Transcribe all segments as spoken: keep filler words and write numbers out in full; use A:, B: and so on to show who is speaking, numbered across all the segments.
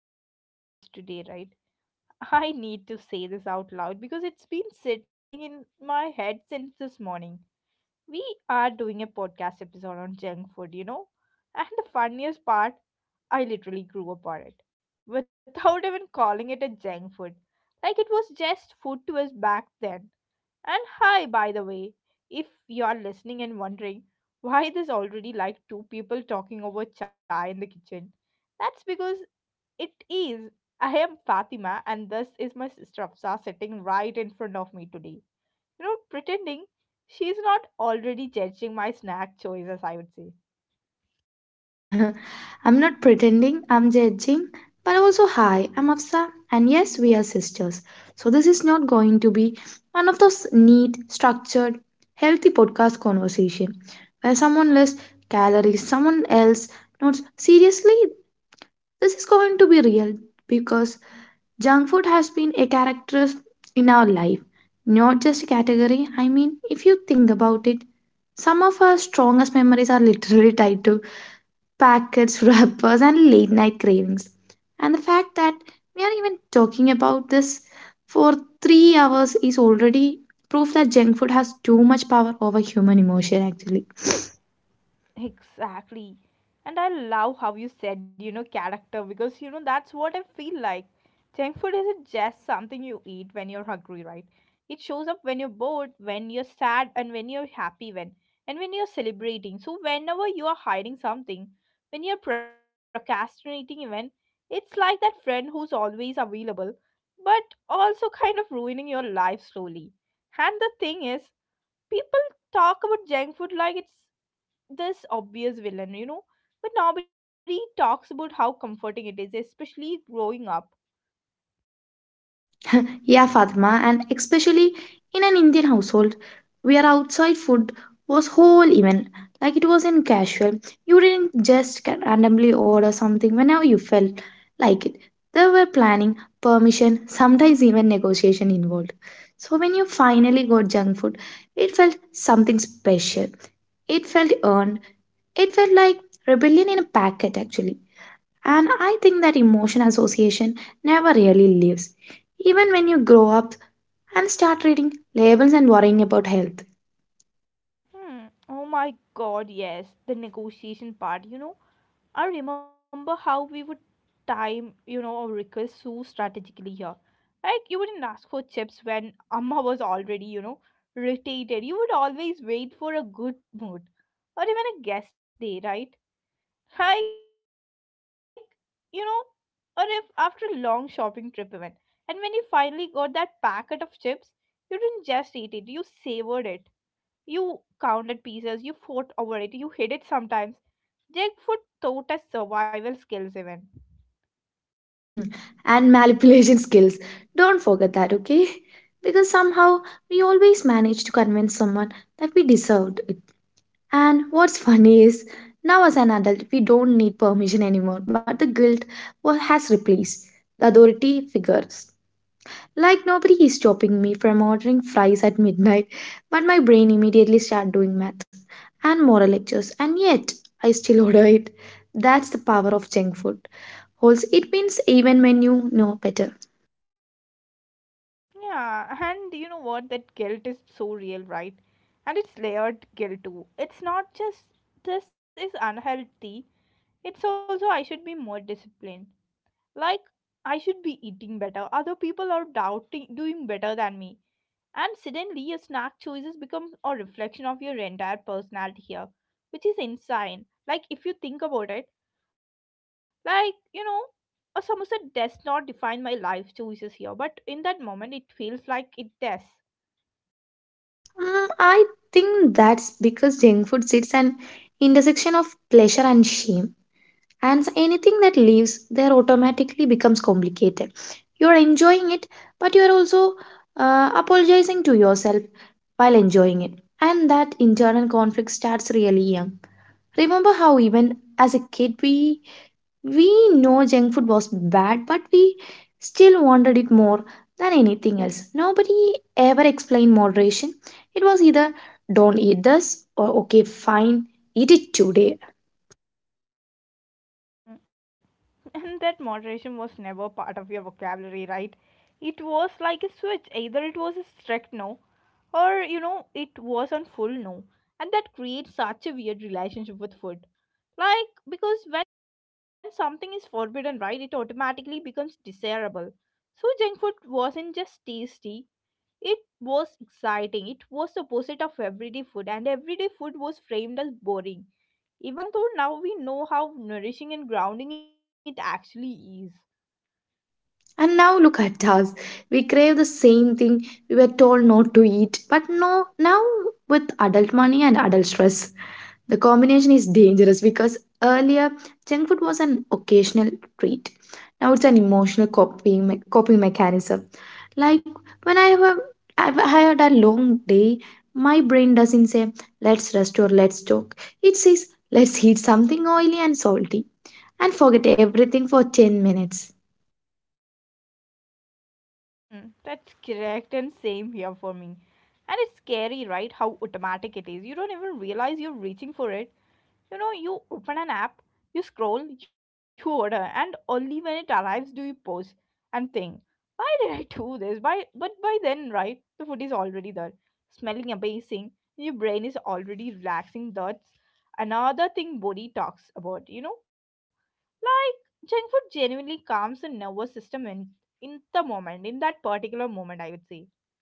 A: anything else today, right? I need to say this out loud because it's been sitting in my head since this morning. We are doing a podcast episode on junk food, you know? And the funniest part, I literally grew up on it without even calling it a junk food. Like it was just food to us back then. And hi, by the way, if you are listening and wondering why there's already like two people talking over chai in the kitchen, that's because it is. I am Fatima, and this is my sister Afsa sitting right in front of me today. You know, pretending she's not already judging my snack choices, I would say.
B: I'm not pretending, I'm judging, but also, hi, I'm Afsa, and yes, we are sisters. So, this is not going to be one of those neat, structured, healthy podcast conversation where someone lists calories, someone else notes. Seriously, this is going to be real because junk food has been a character in our life, not just a category. I mean, if you think about it, some of our strongest memories are literally tied to packets, wrappers, and late night cravings. And the fact that we are even talking about this for three hours is already proof that junk food has too much power over human emotion, actually.
A: Exactly. And I love how you said, you know, character because, you know, that's what I feel like. Junk food isn't just something you eat when you're hungry, right? It shows up when you're bored, when you're sad, and when you're happy, when, and when you're celebrating. So, whenever you are hiding something, when you're procrastinating, even, it's like that friend who's always available, but also kind of ruining your life slowly. And the thing is, people talk about junk food like it's this obvious villain, you know. But nobody talks about how comforting it is, especially growing up.
B: Yeah, Fatima, and especially in an Indian household where outside food was whole event, like it was in casual. You didn't just ca- randomly order something whenever you felt like it. There were planning, permission, sometimes even negotiation involved. So when you finally got junk food, it felt something special. It felt earned. It felt like rebellion in a packet, actually. And I think that emotion association never really leaves, even when you grow up and start reading labels and worrying about health.
A: Hmm. Oh my god, yes. The negotiation part, you know. I remember how we would time, you know, our request so strategically here. Like, you wouldn't ask for chips when Amma was already, you know, irritated. You would always wait for a good mood. Or even a guest day, right? Like you know, or if after a long shopping trip even. And when you finally got that packet of chips, you didn't just eat it, you savored it. You counted pieces, you fought over it, you hid it sometimes. Junk food taught us survival skills even.
B: Hmm. And manipulation skills. Don't forget that, okay? Because somehow we always manage to convince someone that we deserved it. And what's funny is, now as an adult, we don't need permission anymore, but the guilt wa- has replaced the authority figures. Like nobody is stopping me from ordering fries at midnight, but my brain immediately start doing math and moral lectures, and yet I still order it. That's the power of junk food. Also, it means even when you know better.
A: Yeah, and you know what? That guilt is so real, right? And it's layered guilt too. It's not just this is unhealthy, it's also I should be more disciplined. like I should be eating better. Other people are doubting doing better than me. And suddenly your snack choices become a reflection of your entire personality here, which is insane. Like if you think about it, like you know, a samosa does not define my life choices here, but in that moment it feels like it does.
B: Mm, I think that's because junk food sits an intersection of pleasure and shame. And anything that leaves there automatically becomes complicated. You're enjoying it, but you're also uh, apologizing to yourself while enjoying it. And that internal conflict starts really young. Remember how even as a kid we we know junk food was bad, but we still wanted it more than anything else. Nobody ever explained moderation. It was either don't eat this or okay, fine, eat it today.
A: And that moderation was never part of your vocabulary, right? It was like a switch. Either it was a strict no or you know it was on full no, and that creates such a weird relationship with food, like because when something is forbidden, right, it automatically becomes desirable. So junk food wasn't just tasty, it was exciting. It was the opposite of everyday food, and everyday food was framed as boring, even though now we know how nourishing and grounding it actually is.
B: And now look at us. We crave the same thing we were told not to eat, but no, now with adult money and adult stress. The combination is dangerous because earlier junk food was an occasional treat. Now it's an emotional coping me- coping mechanism. Like when I have a- I've had a long day, my brain doesn't say let's rest or let's talk. It says let's eat something oily and salty and forget everything for ten minutes.
A: Mm, That's correct, and same here for me. And it's scary, right? How automatic it is. You don't even realize you're reaching for it. You know, you open an app, you scroll, you order, and only when it arrives do you pause and think, why did I do this? By but by then, right, the food is already there, smelling amazing. Your brain is already relaxing. That's another thing body talks about. You know, like, junk food genuinely calms the nervous system in, in the moment, in that particular moment, I would say.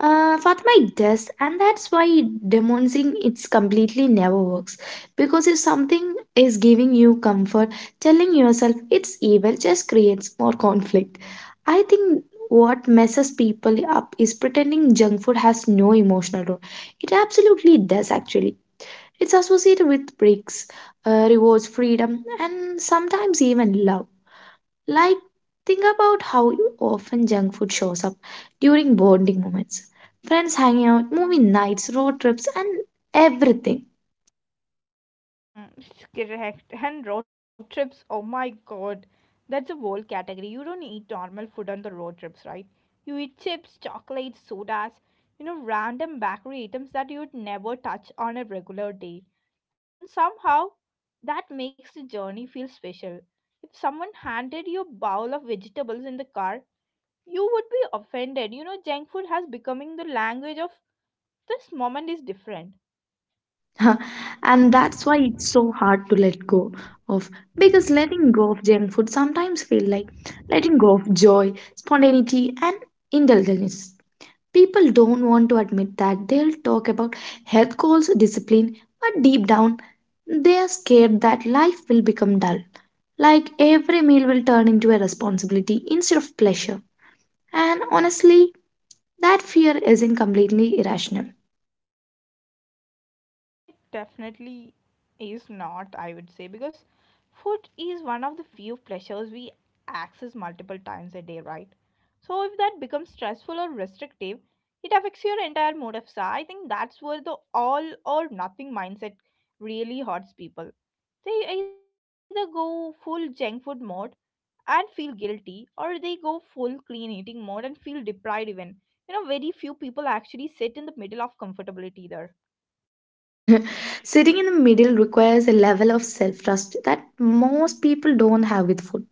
B: Uh, Fatima, it does, and that's why demonicing it's completely never works. Because if something is giving you comfort, telling yourself it's evil just creates more conflict. I think what messes people up is pretending junk food has no emotional role. It absolutely does, actually. It's associated with breaks, uh, rewards, freedom, and sometimes even love. Like, think about how you often junk food shows up during bonding moments. Friends hanging out, movie nights, road trips, and everything.
A: Mm, it's correct. And road trips, oh my god, that's a whole category. You don't eat normal food on the road trips, right? You eat chips, chocolates, sodas, you know, random bakery items that you'd never touch on a regular day. And somehow, that makes the journey feel special. If someone handed you a bowl of vegetables in the car, you would be offended. You know, junk food has becoming the language of this moment is different.
B: And that's why it's so hard to let go of because letting go of junk food sometimes feel like letting go of joy, spontaneity, and indulgence. People don't want to admit that they'll talk about health goals, discipline, but deep down, they are scared that life will become dull. Like every meal will turn into a responsibility instead of pleasure. And honestly, that fear isn't completely irrational.
A: It definitely is not, I would say, because food is one of the few pleasures we access multiple times a day, right? So if that becomes stressful or restrictive, it affects your entire mode of sa. I think that's where the all or nothing mindset really hurts people. They either go full junk food mode and feel guilty, or they go full clean eating mode and feel deprived even. You know very few people actually sit in the middle of comfortability either.
B: Sitting in the middle requires a level of self trust that most people don't have with food.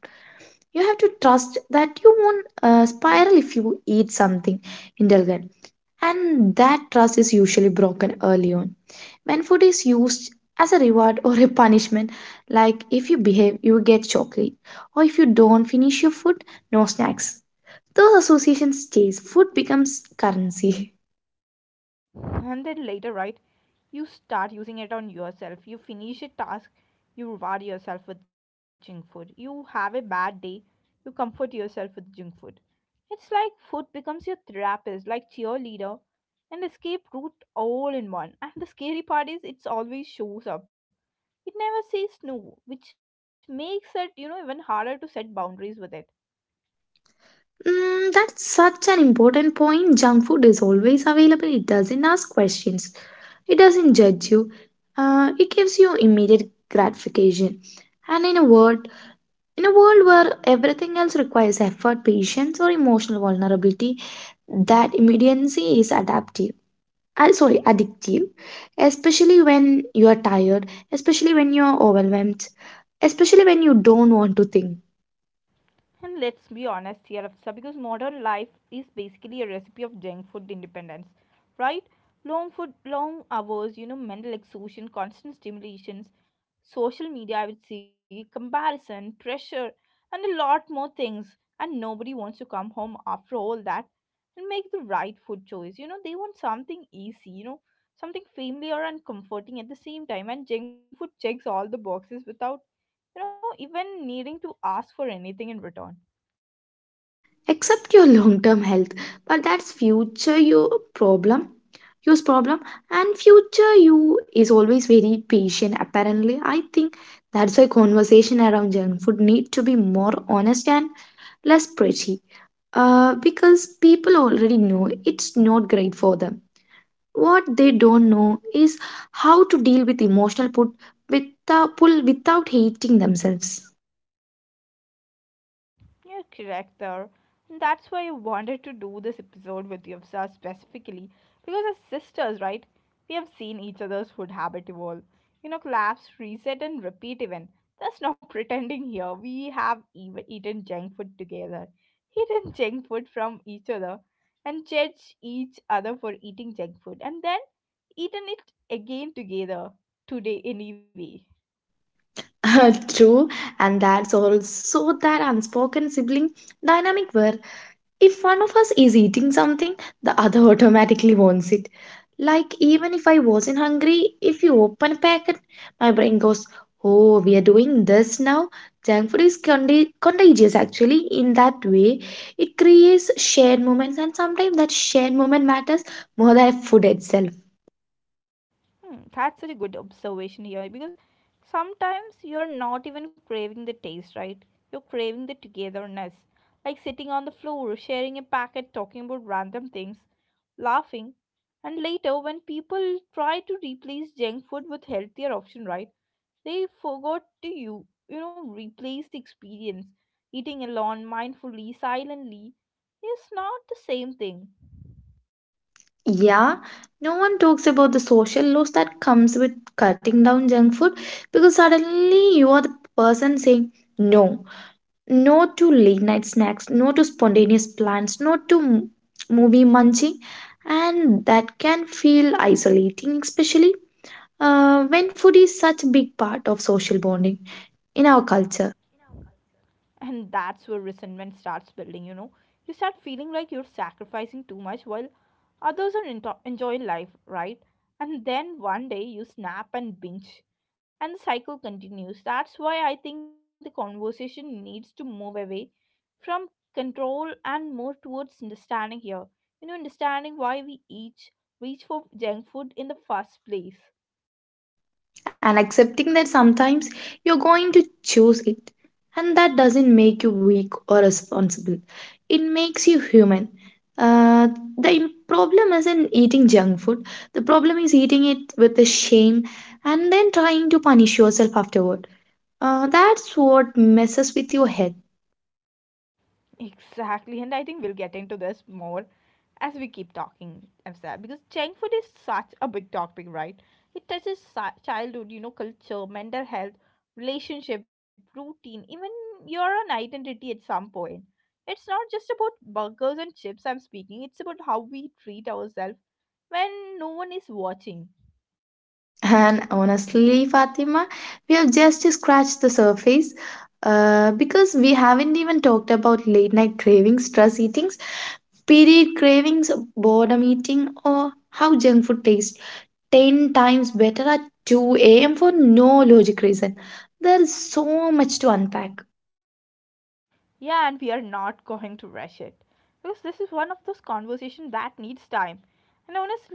B: You have to trust that you won't uh, spiral if you eat something indulgent and that trust is usually broken early on. When food is used as a reward or a punishment, like if you behave, you get chocolate, or if you don't finish your food, no snacks. Those associations stays. Food becomes currency.
A: And then later, right, you start using it on yourself. You finish a task, you reward yourself with junk food. You have a bad day, you comfort yourself with junk food. It's like food becomes your therapist, like cheerleader and escape route all in one. And the scary part is it's always shows up. It never says no, which makes it, you know, even harder to set boundaries with it.
B: Mm, that's such an important point. Junk food is always available. It doesn't ask questions. It doesn't judge you. Uh, it gives you immediate gratification. And in a word, in a world where everything else requires effort, patience, or emotional vulnerability, that immediacy is adaptive. Uh, sorry, addictive, especially when you are tired, especially when you are overwhelmed, especially when you don't want to think.
A: And let's be honest here, Afsa, because modern life is basically a recipe of junk food independence, right? Long food, long hours, you know, mental exhaustion, constant stimulations, social media, I would see comparison, pressure, and a lot more things. And nobody wants to come home after all that and make the right food choice. You know, they want something easy, you know, something familiar and comforting at the same time. And junk food checks all the boxes without, you know, even needing to ask for anything in return.
B: Accept your long-term health, but that's future you problem, use problem, and future you is always very patient. Apparently, I think that's why conversation around junk food need to be more honest and less pretty uh, because people already know it's not great for them. What they don't know is how to deal with emotional put without pull without hating themselves.
A: You're correct there. And that's why I wanted to do this episode with Yavsa specifically. Because as sisters, right, we have seen each other's food habit evolve. You know, collapse, reset, and repeat even. That's not pretending here. We have even eaten junk food together, eaten junk food from each other, and judged each other for eating junk food, and then eaten it again together today anyway.
B: True, and that's also that unspoken sibling dynamic where if one of us is eating something, the other automatically wants it. Like, even if I wasn't hungry, if you open a packet, my brain goes, oh, we are doing this now. Junk food is condi- contagious actually. In that way, it creates shared moments, and sometimes that shared moment matters more than food itself.
A: Hmm, that's such a good observation here because sometimes you're not even craving the taste, right? You're craving the togetherness, like sitting on the floor, sharing a packet, talking about random things, laughing. And later, when people try to replace junk food with healthier option, right? They forgot to you, you know, replace the experience. Eating alone, mindfully, silently, is not the same thing.
B: Yeah, no one talks about the social loss that comes with cutting down junk food because suddenly you are the person saying, no, no to late night snacks, no to spontaneous plans, no to m- movie munching, and that can feel isolating, especially uh, when food is such a big part of social bonding in our culture.
A: And that's where resentment starts building, you know. You start feeling like you're sacrificing too much while others are into- enjoying life, right? And then one day you snap and binge. And the cycle continues. That's why I think the conversation needs to move away from control and more towards understanding here. You know, understanding why we each reach for junk food in the first place.
B: And accepting that sometimes you're going to choose it. And that doesn't make you weak or responsible, it makes you human. Uh, the im- problem isn't eating junk food, the problem is eating it with a shame and then trying to punish yourself afterward. Uh, that's what messes with your head.
A: Exactly, and I think we'll get into this more as we keep talking, Afsar, because junk food is such a big topic, right? It touches si- childhood, you know, culture, mental health, relationship, routine, even your own identity at some point. It's not just about burgers and chips I'm speaking, it's about how we treat ourselves when no one is watching.
B: And honestly, Fatima, we have just scratched the surface uh, because we haven't even talked about late night cravings, stress eatings, period cravings, boredom eating, or how junk food tastes ten times better at two a m for no logic reason. There is so much to unpack.
A: Yeah, and we are not going to rush it because this is one of those conversations that needs time and honestly,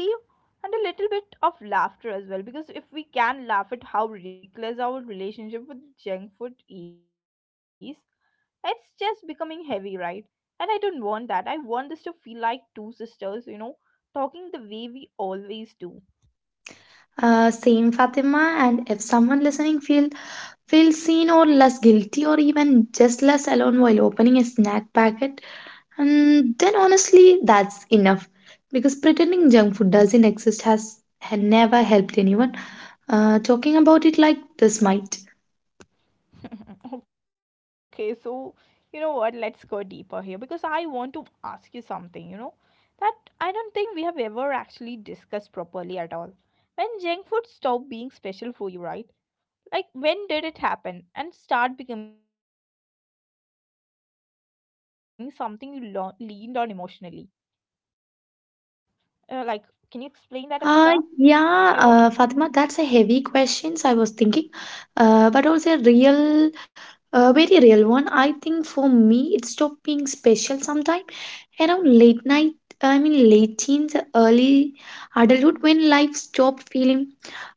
A: and a little bit of laughter as well. Because if we can laugh at how ridiculous our relationship with junk food is, it's just becoming heavy, right? And I don't want that. I want this to feel like two sisters, you know, talking the way we always do.
B: Uh, same Fatima, and if someone listening feel feels seen or less guilty or even just less alone while opening a snack packet, and then honestly that's enough because pretending junk food doesn't exist has, has never helped anyone. Uh, talking about it like this might.
A: Okay, so you know what? Let's go deeper here because I want to ask you something, you know, that I don't think we have ever actually discussed properly at all. When junk food stopped being special for you, right? Like, when did it happen and start becoming something you lo- leaned on emotionally? Uh, like, can you explain that, Afsa, here?
B: Uh, yeah, uh, Fatima, that's a heavy questions I was thinking, uh, but also a real, uh, very real one. I think for me, it stopped being special sometime around late night. I mean, late teens, early adulthood, when life stopped feeling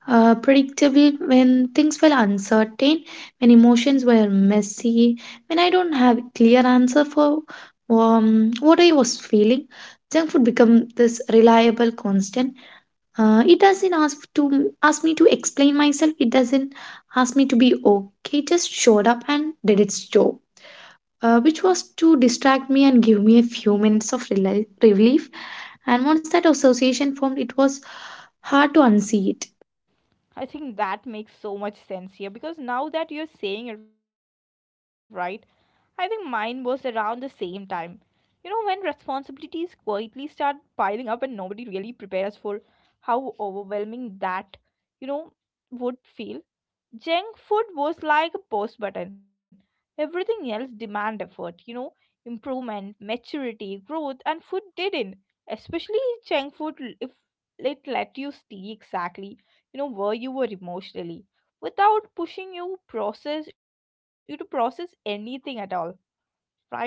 B: uh, predictable, when things were uncertain, when emotions were messy, when I don't have clear answer for um, what I was feeling. Junk food become this reliable constant uh, it doesn't ask to ask me to explain myself. It doesn't ask me to be okay. It just showed up and did its job, uh, which was to distract me and give me a few minutes of reli- relief. And once that association formed, it was hard to unsee it.
A: I think that makes so much sense here because now that you're saying it right, I think mine was around the same time. You know, when responsibilities quietly start piling up and nobody really prepares us for how overwhelming that, you know, would feel. Junk food was like a pause button. Everything else demand effort, you know, improvement, maturity, growth, and food didn't. Especially junk food, l- if it let you see exactly, you know, where you were emotionally, without pushing you process you to process anything at all, right, Afsar?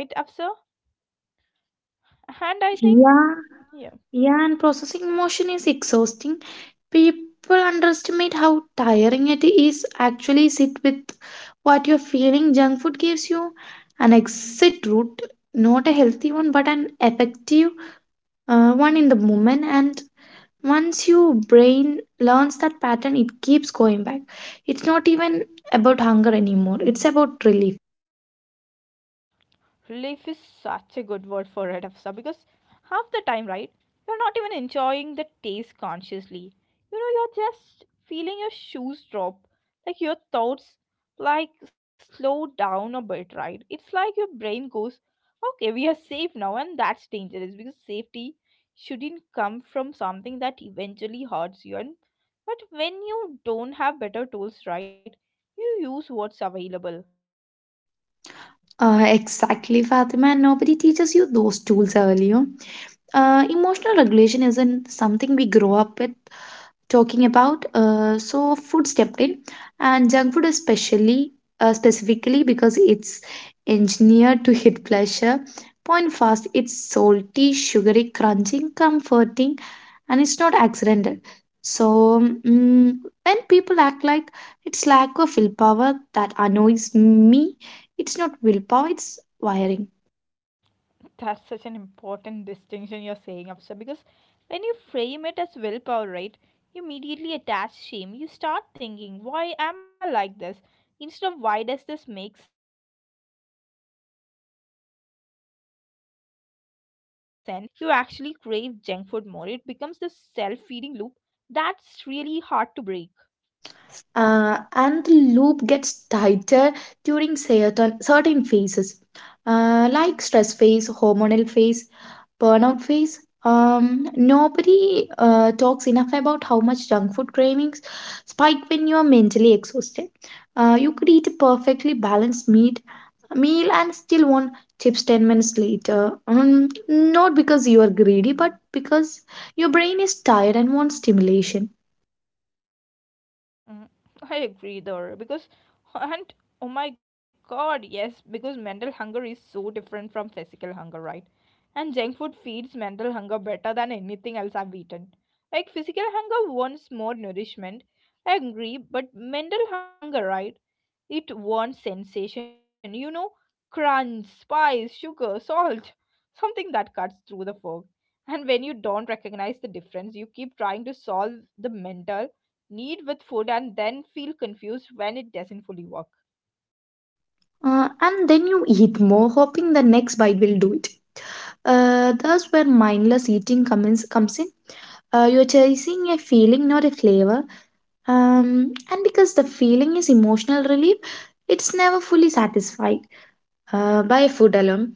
A: And I think,
B: Yeah,
A: yeah.
B: yeah, and processing emotion is exhausting. People underestimate how tiring it is actually sit with what you're feeling. Junk food gives you an exit route, not a healthy one, but an effective uh, one in the moment. And once your brain learns that pattern, it keeps going back. It's not even about hunger anymore, it's about relief.
A: relief is such a good word for it, Afsa, because half the time, right, you're not even enjoying the taste consciously. You know, you're just feeling your shoes drop, like your thoughts like slow down a bit, right? It's like your brain goes, okay, we are safe now, and that's dangerous because safety shouldn't come from something that eventually hurts you. And but when you don't have better tools, right, you use what's available.
B: Uh, exactly, Fatima, and nobody teaches you those tools early on. Uh, emotional regulation isn't something we grow up with talking about. Uh, so food stepped in, and junk food especially, uh, specifically because it's engineered to hit pleasure. Point fast, it's salty, sugary, crunching, comforting, and it's not accidental. So mm, when people act like it's lack of willpower that annoys me, it's not willpower, it's wiring.
A: That's such an important distinction you're saying, Afsa, because when you frame it as willpower, right, you immediately attach shame. You start thinking, why am I like this? Instead of why does this make sense given my environment? And when shame enters the picture, you actually crave junk food more. It becomes this self feeding loop that's really hard to break.
B: Uh, and the loop gets tighter during certain, certain phases, uh, like stress phase, hormonal phase, burnout phase. Um, nobody uh, talks enough about how much junk food cravings spike when you are mentally exhausted. Uh, you could eat a perfectly balanced meat, meal and still want chips ten minutes later. Um, not because you are greedy, but because your brain is tired and wants stimulation.
A: Mm, I agree, though, because, and oh my god, yes, because mental hunger is so different from physical hunger, right? And junk food feeds mental hunger better than anything else I've eaten. Like physical hunger wants more nourishment. I agree, but mental hunger, right? It wants sensation. You know, crunch, spice, sugar, salt. Something that cuts through the fog. And when you don't recognize the difference, you keep trying to solve the mental need with food and then feel confused when it doesn't fully work.
B: Uh, and then you eat more, hoping the next bite will do it. Uh, that's where mindless eating comes comes in. Uh, you're chasing a feeling, not a flavor. Um, and because the feeling is emotional relief, it's never fully satisfied uh, by food alone.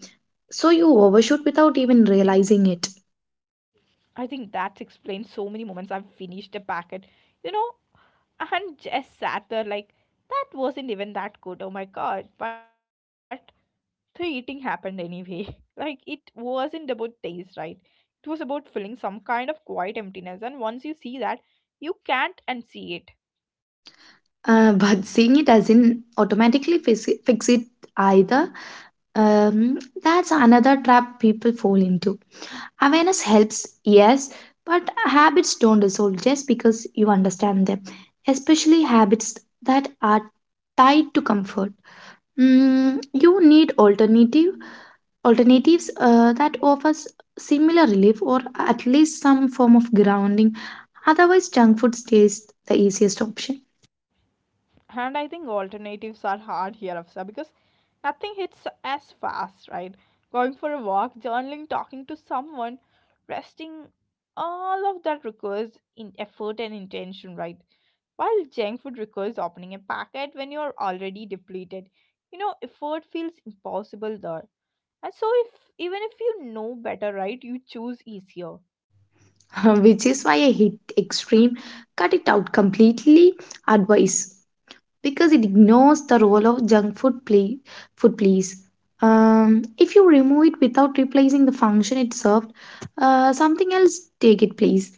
B: So you overshoot without even realizing it.
A: I think that explains so many moments I've finished a packet you know And just sat there like, that wasn't even that good, oh my god. But the eating happened anyway. Like, it wasn't about taste, right? It was about filling some kind of quiet emptiness. And once you see that, you can't unsee it.
B: Uh, but seeing it doesn't automatically fix it, fix it either. Um, that's another trap people fall into. Awareness helps, yes, but habits don't dissolve just because you understand them, especially habits that are tied to comfort. Mm, you need alternative alternatives uh, that offers similar relief or at least some form of grounding. Otherwise, junk food stays the easiest option,
A: And I think alternatives are hard here, Afsa, because nothing hits as fast, right? Going for a walk, journaling, talking to someone, resting, all of that requires in effort and intention, right? While junk food requires opening a packet when you are already depleted, you know, effort feels impossible there. And so, if even if you know better, right, you choose easier.
B: which is why I hate extreme cut it out completely advice. Because it ignores the role of junk food play, food please. Um, if you remove it without replacing the function it served, uh, something else take its place.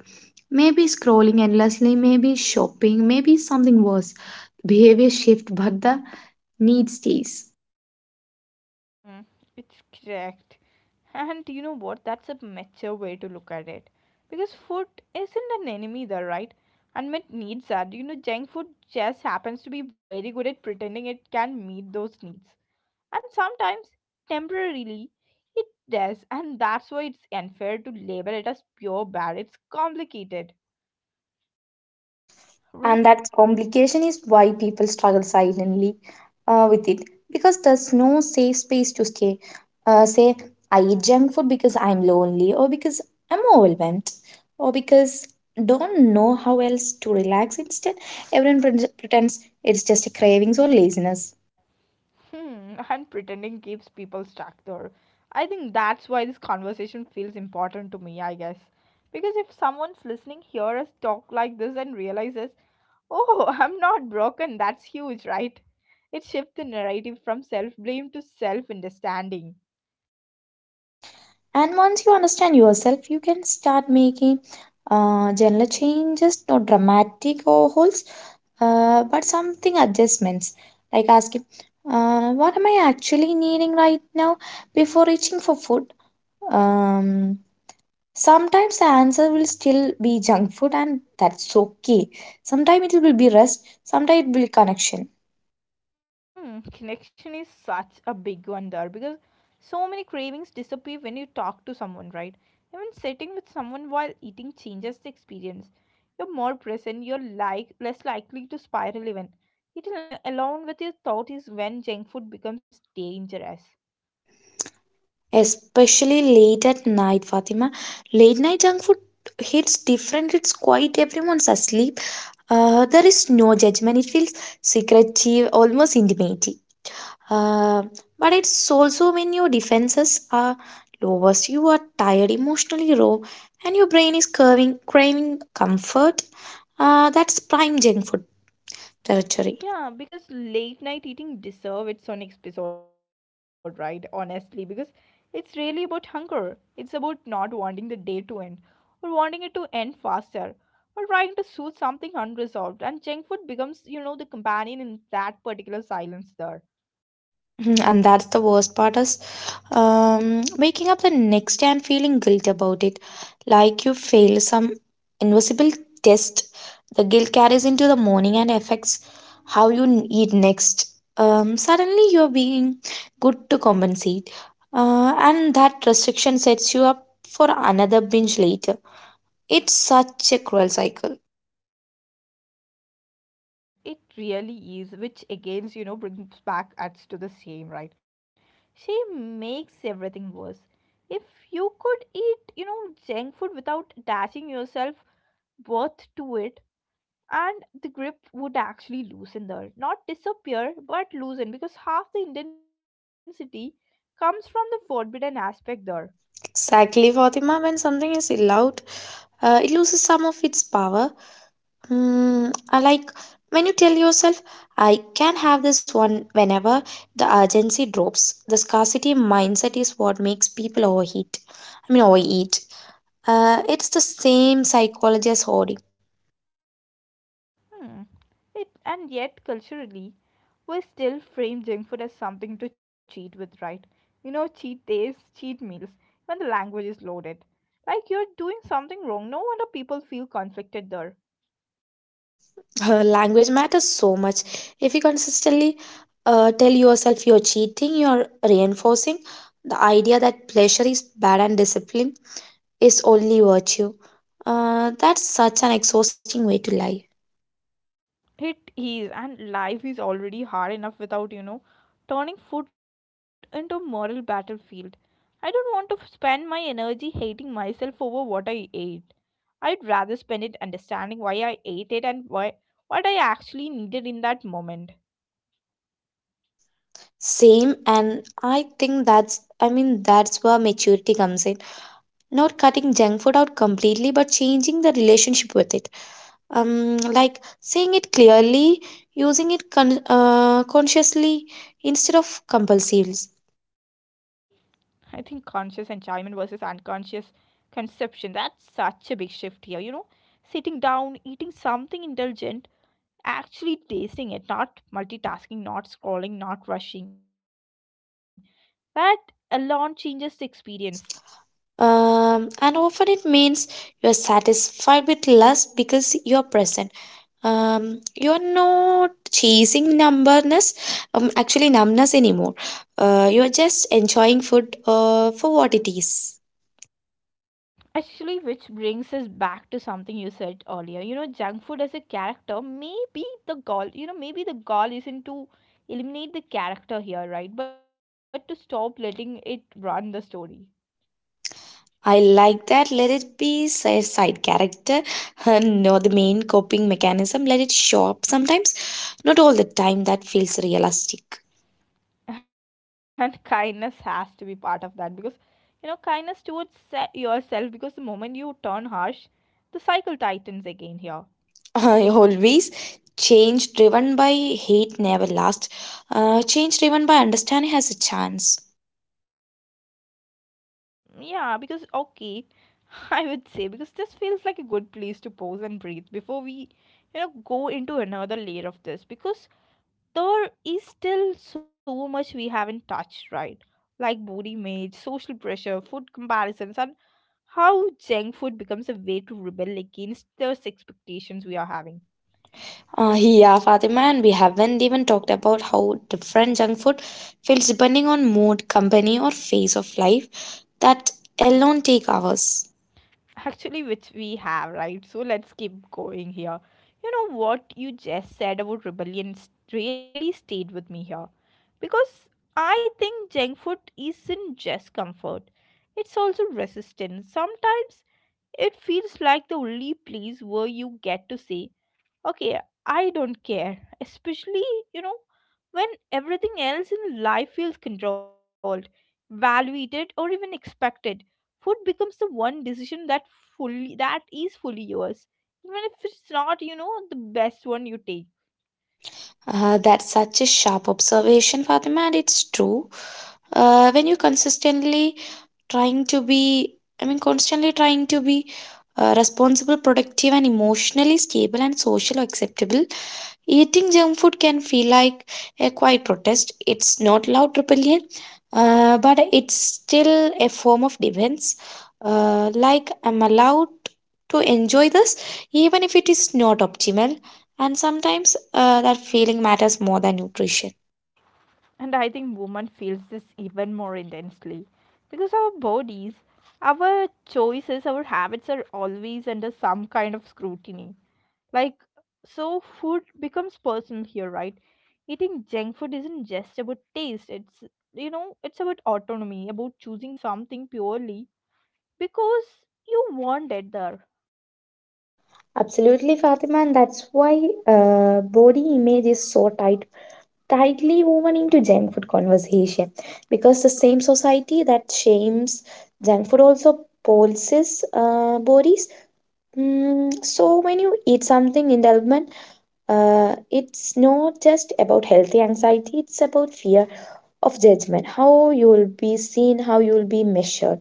B: Maybe scrolling endlessly, maybe shopping, maybe something worse. Behavior shift, but the need stays.
A: Mm, it's correct. And you know what? That's a mature way to look at it. Because food isn't an enemy there, right? Unmet needs are. You know, junk food just happens to be very good at pretending it can meet those needs. And sometimes temporarily it does, and that's why it's unfair to label it as pure bad. It's complicated,
B: And
A: right?
B: that complication is why people struggle silently uh, with it because there's no safe space to stay. Uh, say, I eat junk food because I'm lonely, or because I'm overwhelmed, or because don't know how else to relax. Instead, everyone pre- pretends it's just a cravings or laziness.
A: Hmm. And pretending keeps people stuck there. I think that's why this conversation feels important to me, I guess, because if someone's listening hear us talk like this and realizes, oh, I'm not broken, that's huge, right? It shifts the narrative from self blame to self understanding.
B: And once you understand yourself, you can start making uh, general changes, not dramatic overhauls, uh, but something adjustments. Like asking, uh, what am I actually needing right now before reaching for food? Um, sometimes the answer will still be junk food, and that's okay. Sometimes it will be rest, sometimes it will be connection.
A: Hmm, connection is such a big one there because so many cravings disappear when you talk to someone, right? Even sitting with someone while eating changes the experience. You're more present, you're like less likely to spiral even. Eating al- alone with your thought is when junk food becomes dangerous.
B: Especially late at night, Fatima. Late night junk food hits different, it's quite everyone's asleep. Uh, there is no judgment. It feels secretive, almost intimidating. Uh, but it's also when your defenses are lowest, you are tired, emotionally raw, and your brain is curving, craving comfort. Uh, that's prime junk food territory.
A: Yeah, because late night eating deserve its own episode, right? Honestly, because it's really about hunger. It's about not wanting the day to end, or wanting it to end faster, or trying to soothe something unresolved. And junk food becomes, you know, the companion in that particular silence there.
B: Mhm. And that's the worst part is um, waking up the next day and feeling guilt about it, like you failed some invisible test. The guilt carries into the morning and affects how you n- eat next. Um, suddenly, you're being good to compensate, uh, and that restriction sets you up for another binge later. It's such a cruel cycle.
A: It really is, which again, you know, brings back us to the same, right? She makes everything worse. If you could eat, you know, junk food without attaching yourself worth to it, and the grip would actually loosen there, not disappear but loosen, because half the intensity comes from the forbidden aspect there.
B: Exactly, Fatima. When something is allowed, uh, it loses some of its power. Mm, I like when you tell yourself, I can have this one whenever the urgency drops. The scarcity mindset is what makes people overheat. I mean, overeat. Uh, it's the same psychology as hoarding.
A: Hmm. It and yet culturally we still frame junk food as something to cheat with, right? You know, cheat days, cheat meals. When the language is loaded like you're doing something wrong, no wonder people feel conflicted there.
B: Language matters so much. If you consistently uh, tell yourself you're cheating, you're reinforcing the idea that pleasure is bad and discipline is only virtue. Uh, that's such an exhausting way to live.
A: It is, and life is already hard enough without, you know, turning food into a moral battlefield. I don't want to spend my energy hating myself over what I ate. I'd rather spend it understanding why I ate it and why what I actually needed in that moment.
B: Same, and I think that's I mean that's where maturity comes in. Not cutting junk food out completely, but changing the relationship with it. Um, like seeing it clearly, using it con- uh, consciously instead of compulsively.
A: I think conscious enjoyment versus unconscious conception, that's such a big shift here, you know. Sitting down, eating something indulgent, actually tasting it, not multitasking, not scrolling, not rushing. That alone changes the experience.
B: Um, and often it means you're satisfied with less because you're present. Um, you are not chasing numbness, um, actually numbness anymore. Uh, you are just enjoying food uh, for what it is.
A: Actually, which brings us back to something you said earlier. You know, junk food as a character, maybe the goal, you know, maybe the goal isn't to eliminate the character here, right? But to stop letting it run the story.
B: I like that. Let it be si- side character, not the main coping mechanism. Let it show up sometimes, not all the time. That feels realistic.
A: And kindness has to be part of that because, you know, kindness towards se- yourself, because the moment you turn harsh, the cycle tightens again here.
B: I always change driven by hate never lasts. Uh, change driven by understanding has a chance.
A: Yeah, because okay, I would say because this feels like a good place to pause and breathe before we, you know, go into another layer of this, because there is still so much we haven't touched, right? Like body image, social pressure, food comparisons, and how junk food becomes a way to rebel against those expectations we are having.
B: Uh, yeah, Fatima, and we haven't even talked about how different junk food feels depending on mood, company, or phase of life that alone take hours.
A: Actually, which we have, right? So let's keep going here. You know what you just said about rebellion s- really stayed with me here, because I think junk food isn't just comfort, it's also resistance sometimes. It feels like the only place where you get to say, okay, I don't care. Especially, you know, when everything else in life feels controlled, valued, or even expected, food becomes the one decision that fully that is fully yours, even if it's not, you know, the best one you take.
B: Uh, that's such a sharp observation, Fatima, and it's true. Uh, when you consistently trying to be, I mean, constantly trying to be uh, responsible, productive, and emotionally stable and socially acceptable, eating junk food can feel like a quiet protest. It's not loud rebellion, uh, but it's still a form of defense. Uh, like, I'm allowed to enjoy this, even if it is not optimal. And sometimes uh, that feeling matters more than nutrition.
A: And I think woman feels this even more intensely because our bodies, our choices, our habits are always under some kind of scrutiny. Like, so food becomes personal here, right? Eating junk food isn't just about taste, it's, you know, it's about autonomy, about choosing something purely because you want it there.
B: Absolutely, Fatima, and that's why uh, body image is so tied tightly woven into junk food conversation because the same society that shames junk food also pulses uh, bodies. Mm, so when you eat something indulgent, uh, it's not just about healthy anxiety; it's about fear of judgment, how you will be seen, how you will be measured,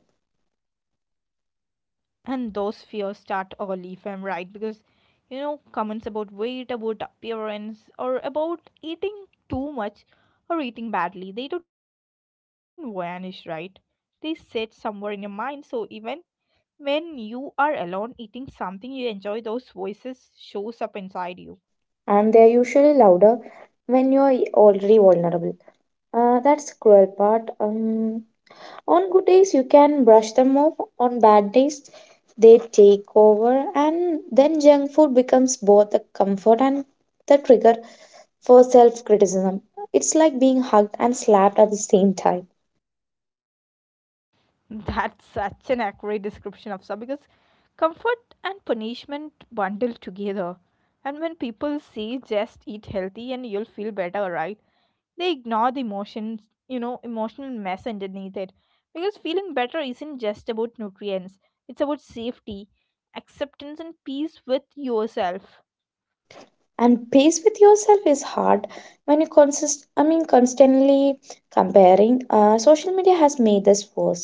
A: And those fears start early, if I'm right, because, you know, comments about weight, about appearance, or about eating too much or eating badly, they don't vanish, right? They sit somewhere in your mind, so even when you are alone eating something you enjoy, those voices shows up inside you.
B: and they're usually louder when you're already vulnerable. Uh, that's cruel part. Um, On good days, you can brush them off. On bad days, they take over, and then junk food becomes both the comfort and the trigger for self criticism. It's like being hugged and slapped at the same time.
A: That's such an accurate description of so, because comfort and punishment bundle together. And when people say just eat healthy and you'll feel better, right? They ignore the emotions, you know, emotional mess underneath it. Because feeling better isn't just about nutrients, it's about safety, acceptance, and peace with yourself.
B: And pace with yourself is hard when you consist I mean constantly comparing. Uh, social media has made this worse.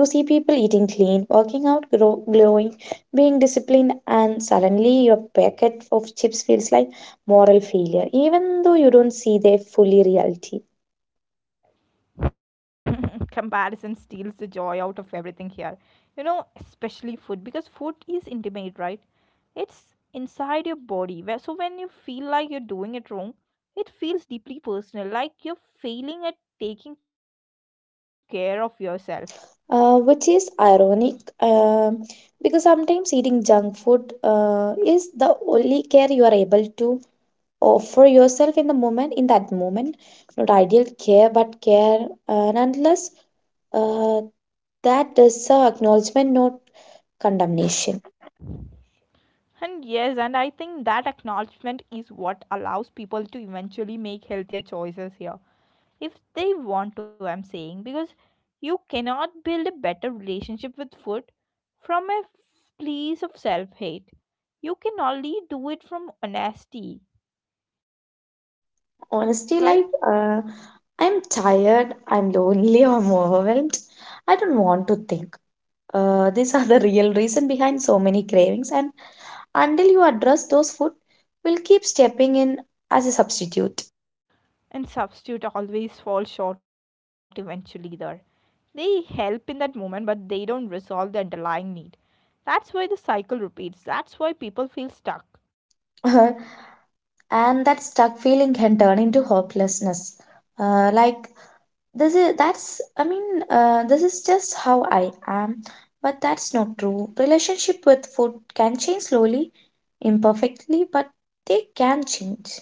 B: You see people eating clean, working out, grow, glowing, being disciplined, and suddenly your packet of chips feels like moral failure, even though you don't see their fully reality.
A: Comparison steals the joy out of everything here. You know, especially food, because food is intimate, right? It's inside your body. where- So when you feel like you're doing it wrong, it feels deeply personal, like you're failing at taking care of yourself.
B: Uh, which is ironic, um, because sometimes eating junk food uh, is the only care you are able to offer yourself in the moment, in that moment. Not ideal care, but care. And unless uh, that is uh, acknowledgement, not condemnation.
A: And yes, and I think that acknowledgement is what allows people to eventually make healthier choices here. If they want to, I'm saying, because you cannot build a better relationship with food from a place of self-hate. You can only do it from honesty,
B: Honestly, like
A: right?
B: uh, I'm tired, I'm lonely, I'm overwhelmed, I don't want to think. Uh, these are the real reason behind so many cravings, and until you address those, food will keep stepping in as a substitute.
A: And substitute always fall short eventually there. They help in that moment, but they don't resolve the underlying need. That's why the cycle repeats, that's why people feel stuck.
B: And that stuck feeling can turn into hopelessness, uh, like this is that's i mean uh, this is just how I am. But that's not true. Relationship with food can change slowly, imperfectly, but they can change.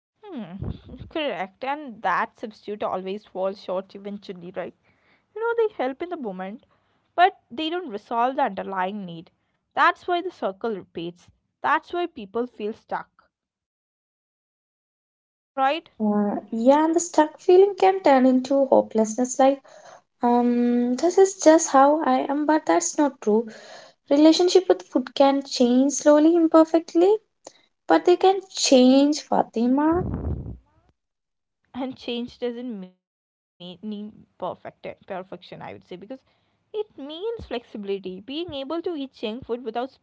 A: Hmm. Correct. And that substitute always falls short eventually, right? You know, they help in the moment, but they don't resolve the underlying need. That's why the circle repeats. That's why people feel stuck, right?
B: uh, Yeah, and the stuck feeling can turn into hopelessness, like, um this is just how I am. But that's not true. Relationship with food can change slowly, imperfectly, but they can change, Fatima.
A: And change doesn't mean need perfect perfection, I would say, because it means flexibility, being able to eat junk food without spiraling,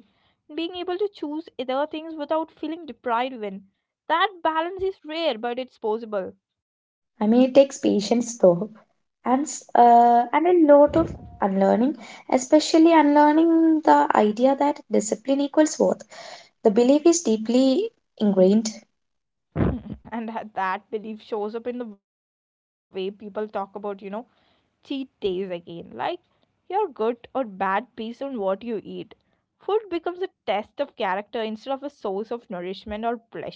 A: being able to choose other things without feeling deprived when. That balance is rare, but it's possible.
B: I mean, it takes patience though, and s- uh, and a lot of unlearning, especially unlearning the idea that discipline equals worth. The belief is deeply ingrained,
A: And that that belief shows up in the way people talk about, you know, cheat days again. Like, you're good or bad based on what you eat. Food becomes a test of character instead of a source of nourishment or pleasure.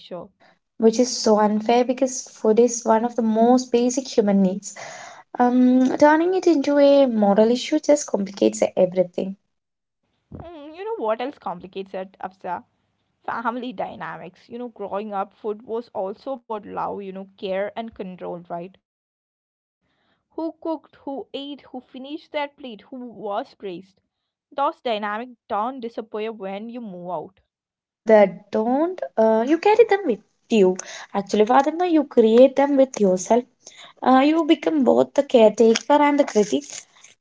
B: which is so unfair because food is one of the most basic human needs. Um, turning it into a moral issue just complicates everything.
A: Hmm, you know what else complicates it, Absa? Family dynamics. You know, growing up, food was also about love, you know, care and control, right? Who cooked, who ate, who finished their plate, who was praised. Those dynamics don't disappear when you move out.
B: Uh, that don't uh, You carry them with you. Actually, Fatima, you create them with yourself. Uh, you become both the caretaker and the critic,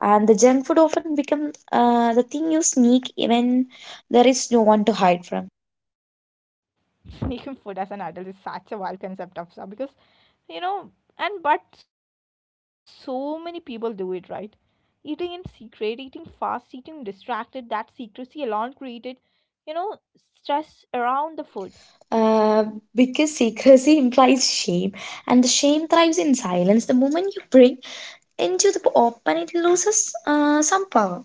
B: and the junk food often become uh, the thing you sneak when there is no one to hide from.
A: Vegan food as an adult is such a wild concept of some because, you know, and but so many people do it, right? Eating in secret, eating fast, eating distracted, that secrecy alone created, you know, stress around the food.
B: Uh, because secrecy implies shame, and the shame thrives in silence. The moment you bring into the open, it loses uh, some power.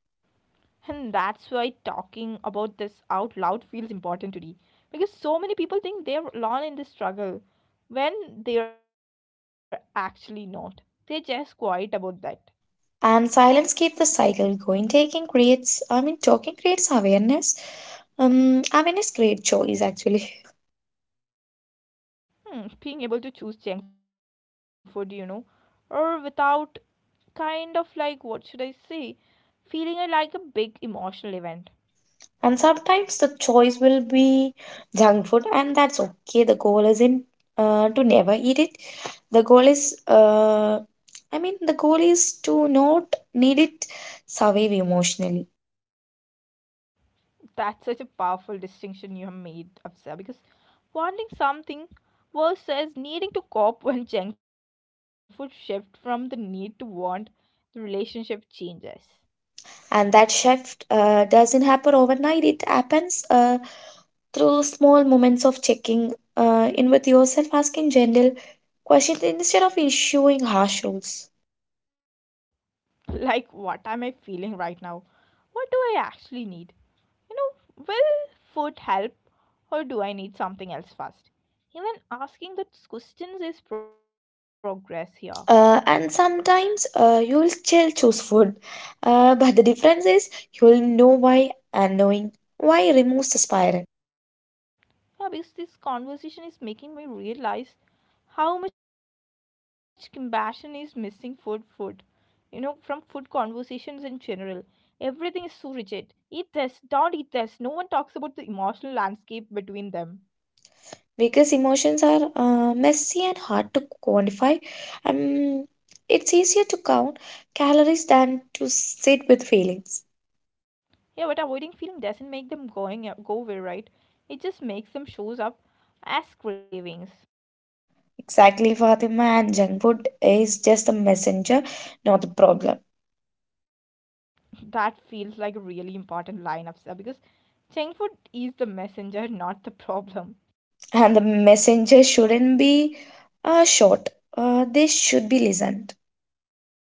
A: And that's why talking about this out loud feels important today, because so many people think they're alone in this struggle when they're actually not. They're just quiet about that.
B: And silence keeps the cycle going. Taking creates I mean Talking creates awareness. Um awareness creates choice actually.
A: Hmm, being able to choose junk food, you know, or without kind of like, what should I say, feeling it like a big emotional event.
B: And sometimes the choice will be junk food, and that's okay. The goal isn't uh, to never eat it. The goal is uh, i mean the goal is to not need it, survive emotionally.
A: That's such a powerful distinction you have made, Afza, because wanting something versus needing to cope. When junk food shift from the need to want, the relationship changes.
B: And that shift uh, doesn't happen overnight. It happens uh, through small moments of checking uh, in with yourself, asking gentle questions instead of issuing harsh rules.
A: Like, what am I feeling right now? What do I actually need? You know, will food help, or do I need something else first? Even asking those questions is progress here.
B: Uh, and sometimes uh, you will still choose food, uh, but the difference is you will know why, and knowing why removes the spiral.
A: Yeah, because this conversation is making me realize how much compassion is missing food food you know from food conversations in general. Everything is so rigid. Eat this, don't eat this. No one talks about the emotional landscape between them.
B: Because emotions are uh, messy and hard to quantify. Um, it's easier to count calories than to sit with feelings.
A: Yeah, but avoiding feeling doesn't make them going go away, right? It just makes them shows up as cravings.
B: Exactly, Fatima, and junk food is just a messenger, not the problem.
A: That feels like a really important line of stuff because junk food is the messenger, not the problem.
B: And the messenger shouldn't be uh, short. Uh, they should be listened.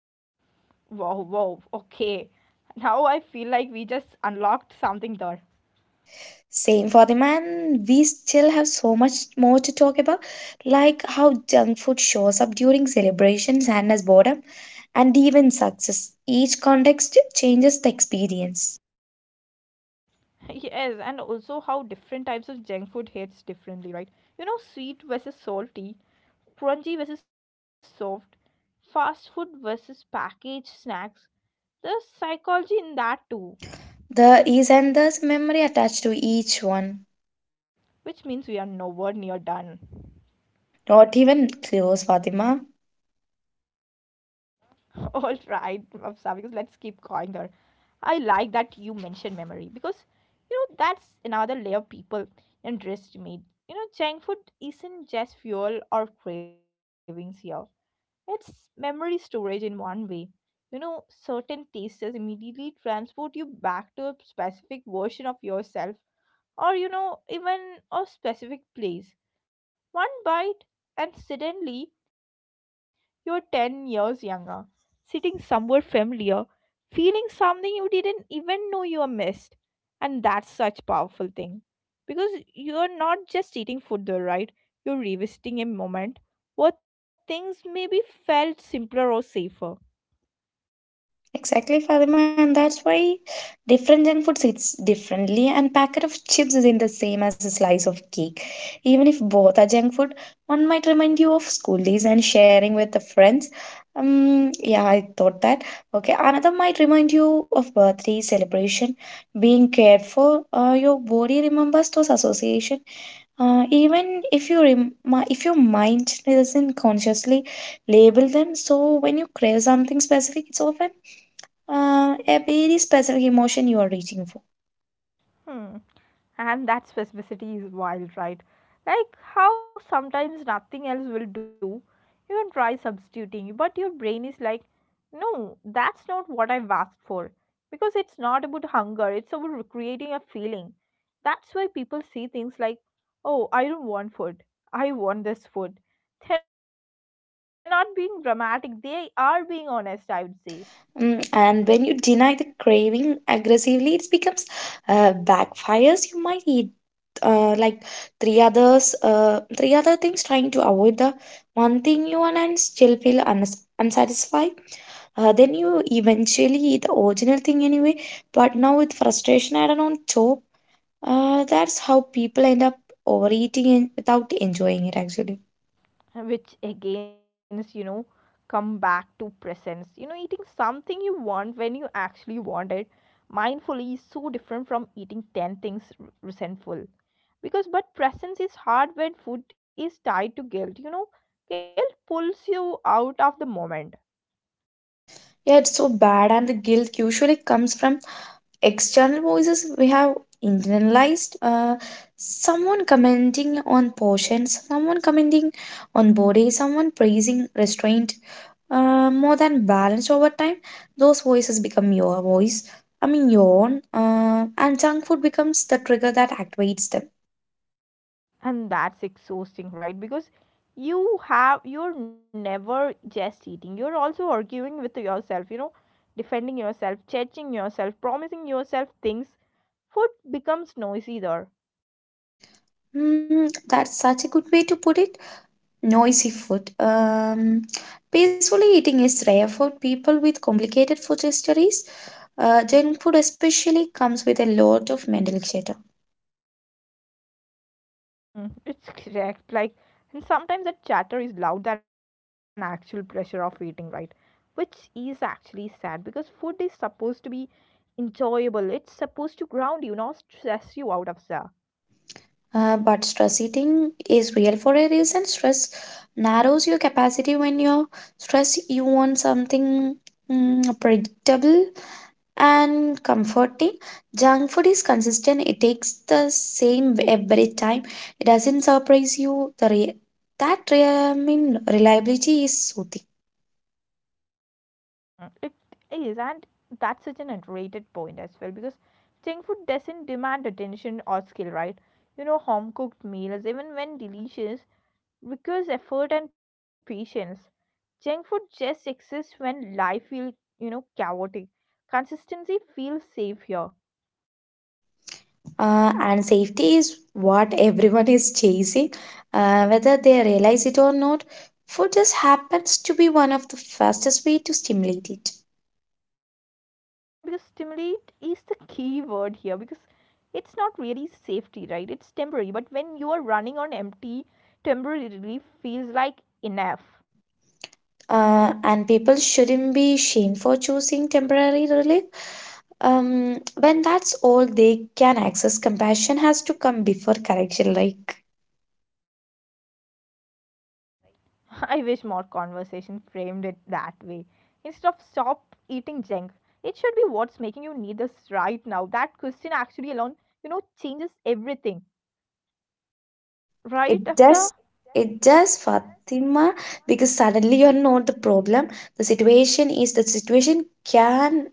A: Wow, wow, okay. Now I feel like we just unlocked something there.
B: Same, Fatima, and we still have so much more to talk about, like how junk food shows up during celebrations and as boredom, and even success. Each context changes the experience.
A: Yes, and also how different types of junk food hits differently, right? You know, sweet versus salty, crunchy versus soft, fast food versus packaged snacks. There's psychology in that too,
B: The is and thus memory attached to each one.
A: which means we are nowhere near done.
B: Not even close, Fatima.
A: All right, Afsa, because let's keep going there. I like that you mentioned memory because you know that's another layer people underestimate. You know, junk food isn't just fuel or cravings here. It's memory storage in one way. You know, certain tastes immediately transport you back to a specific version of yourself, or you know even a specific place. One bite and suddenly you're ten years younger, sitting somewhere familiar, feeling something you didn't even know you missed. And that's such a powerful thing because you're not just eating food there, right? You're revisiting a moment where things maybe felt simpler or safer.
B: Exactly, Fatima, and that's why different junk food sits differently, and packet of chips is in the same as a slice of cake. Even if both are junk food, one might remind you of school days and sharing with the friends. Um, yeah, I thought that. Okay, another might remind you of birthday celebration, being cared for. Uh, your body remembers those association. Uh, even if you rem- mi- if your mind doesn't consciously label them, so when you crave something specific, it's often uh, a very specific emotion you are reaching for.
A: Hmm. And that specificity is wild, right? Like how sometimes nothing else will do. You can try substituting, but your brain is like, no, that's not what I've asked for. Because it's not about hunger, it's about creating a feeling. That's why people see things like, oh, I don't want food. I want this food. They're not being dramatic, they are being honest, I would say.
B: Mm, and when you deny the craving aggressively, it becomes uh, backfires. You might eat uh, like three others, uh, three other things, trying to avoid the one thing you want and still feel uns- unsatisfied. Uh, then you eventually eat the original thing anyway, but now with frustration added on top, uh, that's how people end up overeating and without enjoying it actually.
A: Which again is, you know, come back to presence, you know, eating something you want when you actually want it mindfully is so different from eating ten things r- resentful because, but presence is hard when food is tied to guilt, you know. Guilt pulls you out of the moment.
B: Yeah, it's so bad, and the guilt usually comes from external voices we have internalized. Uh, someone commenting on portions, someone commenting on body, someone praising restraint. Uh, more than balanced over time, those voices become your voice. I mean, your own. Uh, and junk food becomes the trigger that activates them.
A: And that's exhausting, right? Because you have you're never just eating, you're also arguing with yourself, you know, defending yourself, judging yourself, promising yourself things. Food becomes noisy there.
B: Mm, that's such a good way to put it. Noisy food. Um, peacefully eating is rare for people with complicated food histories. Uh, junk food especially comes with a lot of mental chatter.
A: Mm, it's correct, like, and sometimes that chatter is loud than actual pressure of eating, right? Which is actually sad because food is supposed to be enjoyable, it's supposed to ground you, not stress you out of stuff.
B: Uh, but stress eating is real for a reason. Stress narrows your capacity when you're stressed. You want something mm, predictable and comforting. Junk food is consistent, it takes the same every time. It doesn't surprise you. The re- that re- I mean, reliability is soothing.
A: Mm, it is, and that's such an underrated point as well because Thai food doesn't demand attention or skill, right? You know, home cooked meals, even when delicious, requires effort and patience. Junk food just exists when life feels, you know, chaotic. Consistency feels safe here.
B: Uh, and safety is what everyone is chasing. Uh, whether they realize it or not, food just happens to be one of the fastest way to stimulate it.
A: Because stimulate is the key word here, because it's not really safety, right? It's temporary, but when you are running on empty, temporarily feels like enough.
B: Uh, and people shouldn't be shamed for choosing temporary relief um, when that's all they can access. Compassion has to come before correction. Like
A: I wish more conversation framed it that way. Instead of stop eating junk, it should be what's making you need this right now. That question actually alone, you know, changes everything. Right, Afsa?
B: it does, it does, Fatima, because suddenly you're not the problem. The situation is, the situation can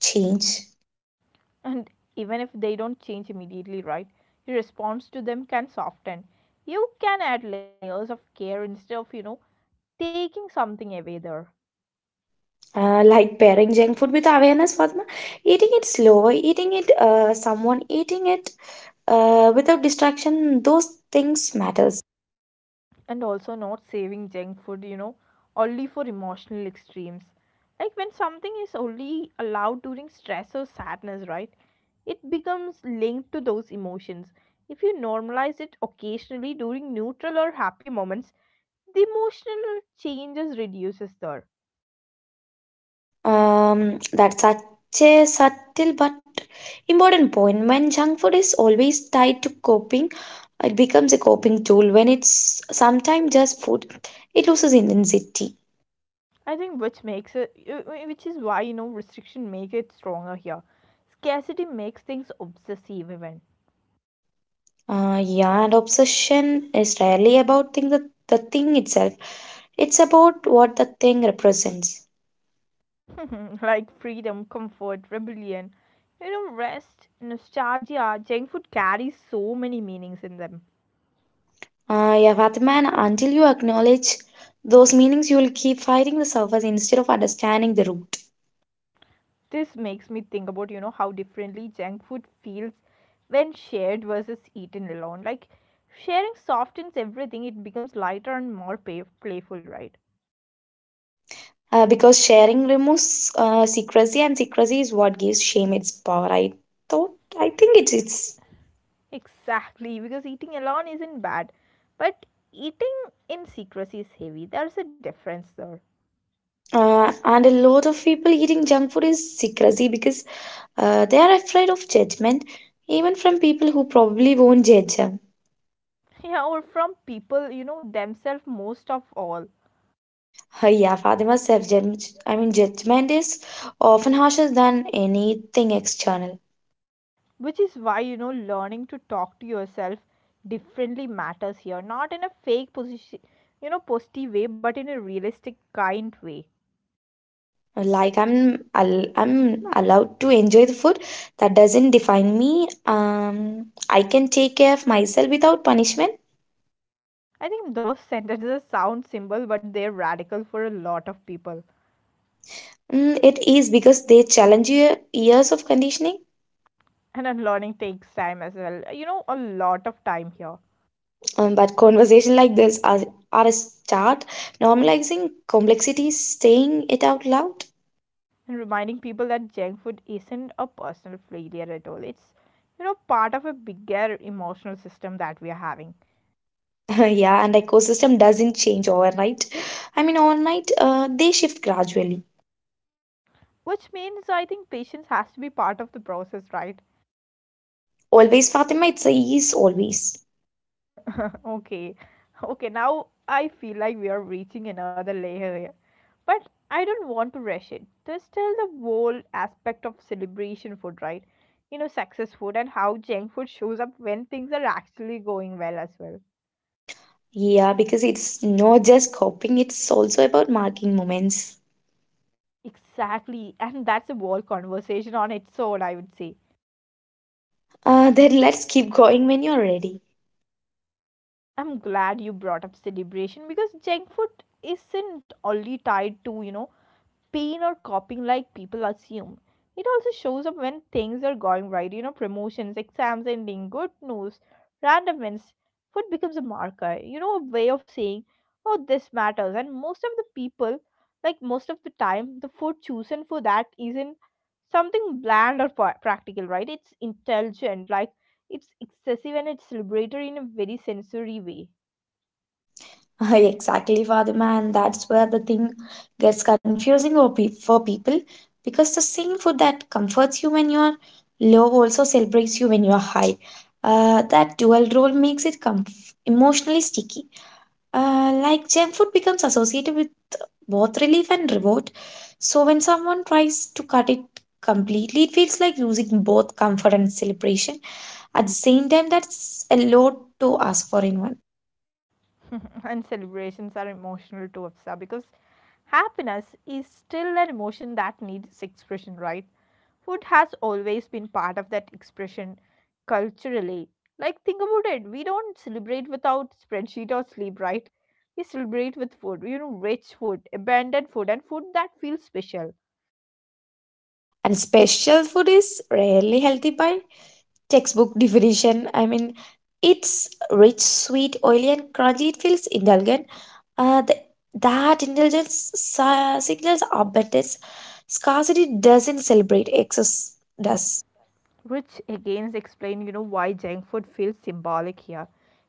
B: change.
A: And even if they don't change immediately, right? Your response to them can soften. You can add layers of care instead of, you know, taking something away there.
B: Uh, like pairing junk food with awareness, Fatima, eating it slower, eating it, uh, someone eating it uh, without distraction. Those things matters.
A: And also not saving junk food, you know, only for emotional extremes. Like when something is only allowed during stress or sadness, right? It becomes linked to those emotions. If you normalize it occasionally during neutral or happy moments, the emotional changes reduces there.
B: Um, that's such a subtle but important point. When junk food is always tied to coping, it becomes a coping tool. When it's sometimes just food, it loses intensity.
A: I think which makes it, uh, uh, which is why you know restriction make it stronger here. Scarcity makes things obsessive even,
B: Uh, yeah, and obsession is rarely about thing the, the thing itself. It's about what the thing represents.
A: like freedom, comfort, rebellion, you know, rest, nostalgia. Junk food carries so many meanings in them.
B: Uh, yeah, Fatima, and until you acknowledge those meanings, you will keep fighting the surface instead of understanding the root.
A: This makes me think about you know how differently junk food feels when shared versus eaten alone. Like sharing softens everything; it becomes lighter and more pay- playful, right?
B: Uh, because sharing removes uh, secrecy, and secrecy is what gives shame its power. I thought i think it's it's
A: Exactly, because eating alone isn't bad, but eating in secrecy is heavy. There's a difference there.
B: uh, And a lot of people eating junk food is secrecy because uh, they are afraid of judgment, even from people who probably won't judge them.
A: Yeah, or from people, you know, themselves most of all.
B: Uh, yeah Fatima's self-judgment, I mean judgment, is often harsher than anything external.
A: Which is why, you know, learning to talk to yourself differently matters here. Not in a fake position, you know, posty way, but in a realistic, kind way.
B: Like I'm al- I'm allowed to enjoy the food, that doesn't define me. um I can take care of myself without punishment.
A: I think those sentences sound simple, but they're radical for a lot of people.
B: Mm, it is, because they challenge your years of conditioning.
A: And unlearning takes time as well. You know, a lot of time here.
B: Um, but conversation like this are, are a start, normalizing complexity, saying it out loud.
A: And reminding people that junk food isn't a personal failure at all. It's, you know, part of a bigger emotional system that we are having.
B: yeah, and ecosystem doesn't change overnight. I mean overnight uh, they shift gradually.
A: Which means I think patience has to be part of the process, right?
B: Always, Fatima, it's a, is always.
A: Okay. Okay, now I feel like we are reaching another layer here. But I don't want to rush it. There's still the whole aspect of celebration food, right? You know, success food and how junk food shows up when things are actually going well as well.
B: Yeah, because it's not just copying, it's also about marking moments.
A: Exactly, and that's a whole conversation on its own, I would say.
B: Uh, then let's keep going when you're ready.
A: I'm glad you brought up celebration because junk food isn't only tied to, you know, pain or coping like people assume. It also shows up when things are going right, you know, promotions, exams ending, good news, random wins. Food becomes a marker, you know, a way of saying, oh, this matters. And most of the people, like most of the time, the food chosen for that isn't something bland or pa- practical, right? It's intelligent, like it's excessive and it's celebratory in a very sensory way.
B: exactly, Fatima, and that's where the thing gets confusing for, pe- for people, because the same food that comforts you when you're low also celebrates you when you're high. Uh, that dual role makes it comf- emotionally sticky. Uh, like junk food becomes associated with both relief and reward. So when someone tries to cut it completely, it feels like losing both comfort and celebration at the same time. That's a lot to ask for in one.
A: And celebrations are emotional too, Afsa, because happiness is still an emotion that needs expression, right? Food has always been part of that expression culturally. Like, think about it. We don't celebrate without spreadsheet or sleep, right? We celebrate with food, you know, rich food, abundant food, and food that feels special.
B: And special food is rarely healthy by textbook definition. I mean, it's rich, sweet, oily, and crunchy. It feels indulgent. Uh, the, that indulgence si- signals abundance. Scarcity doesn't celebrate excess, does.
A: Which again explain, you know, why junk food feels symbolic here.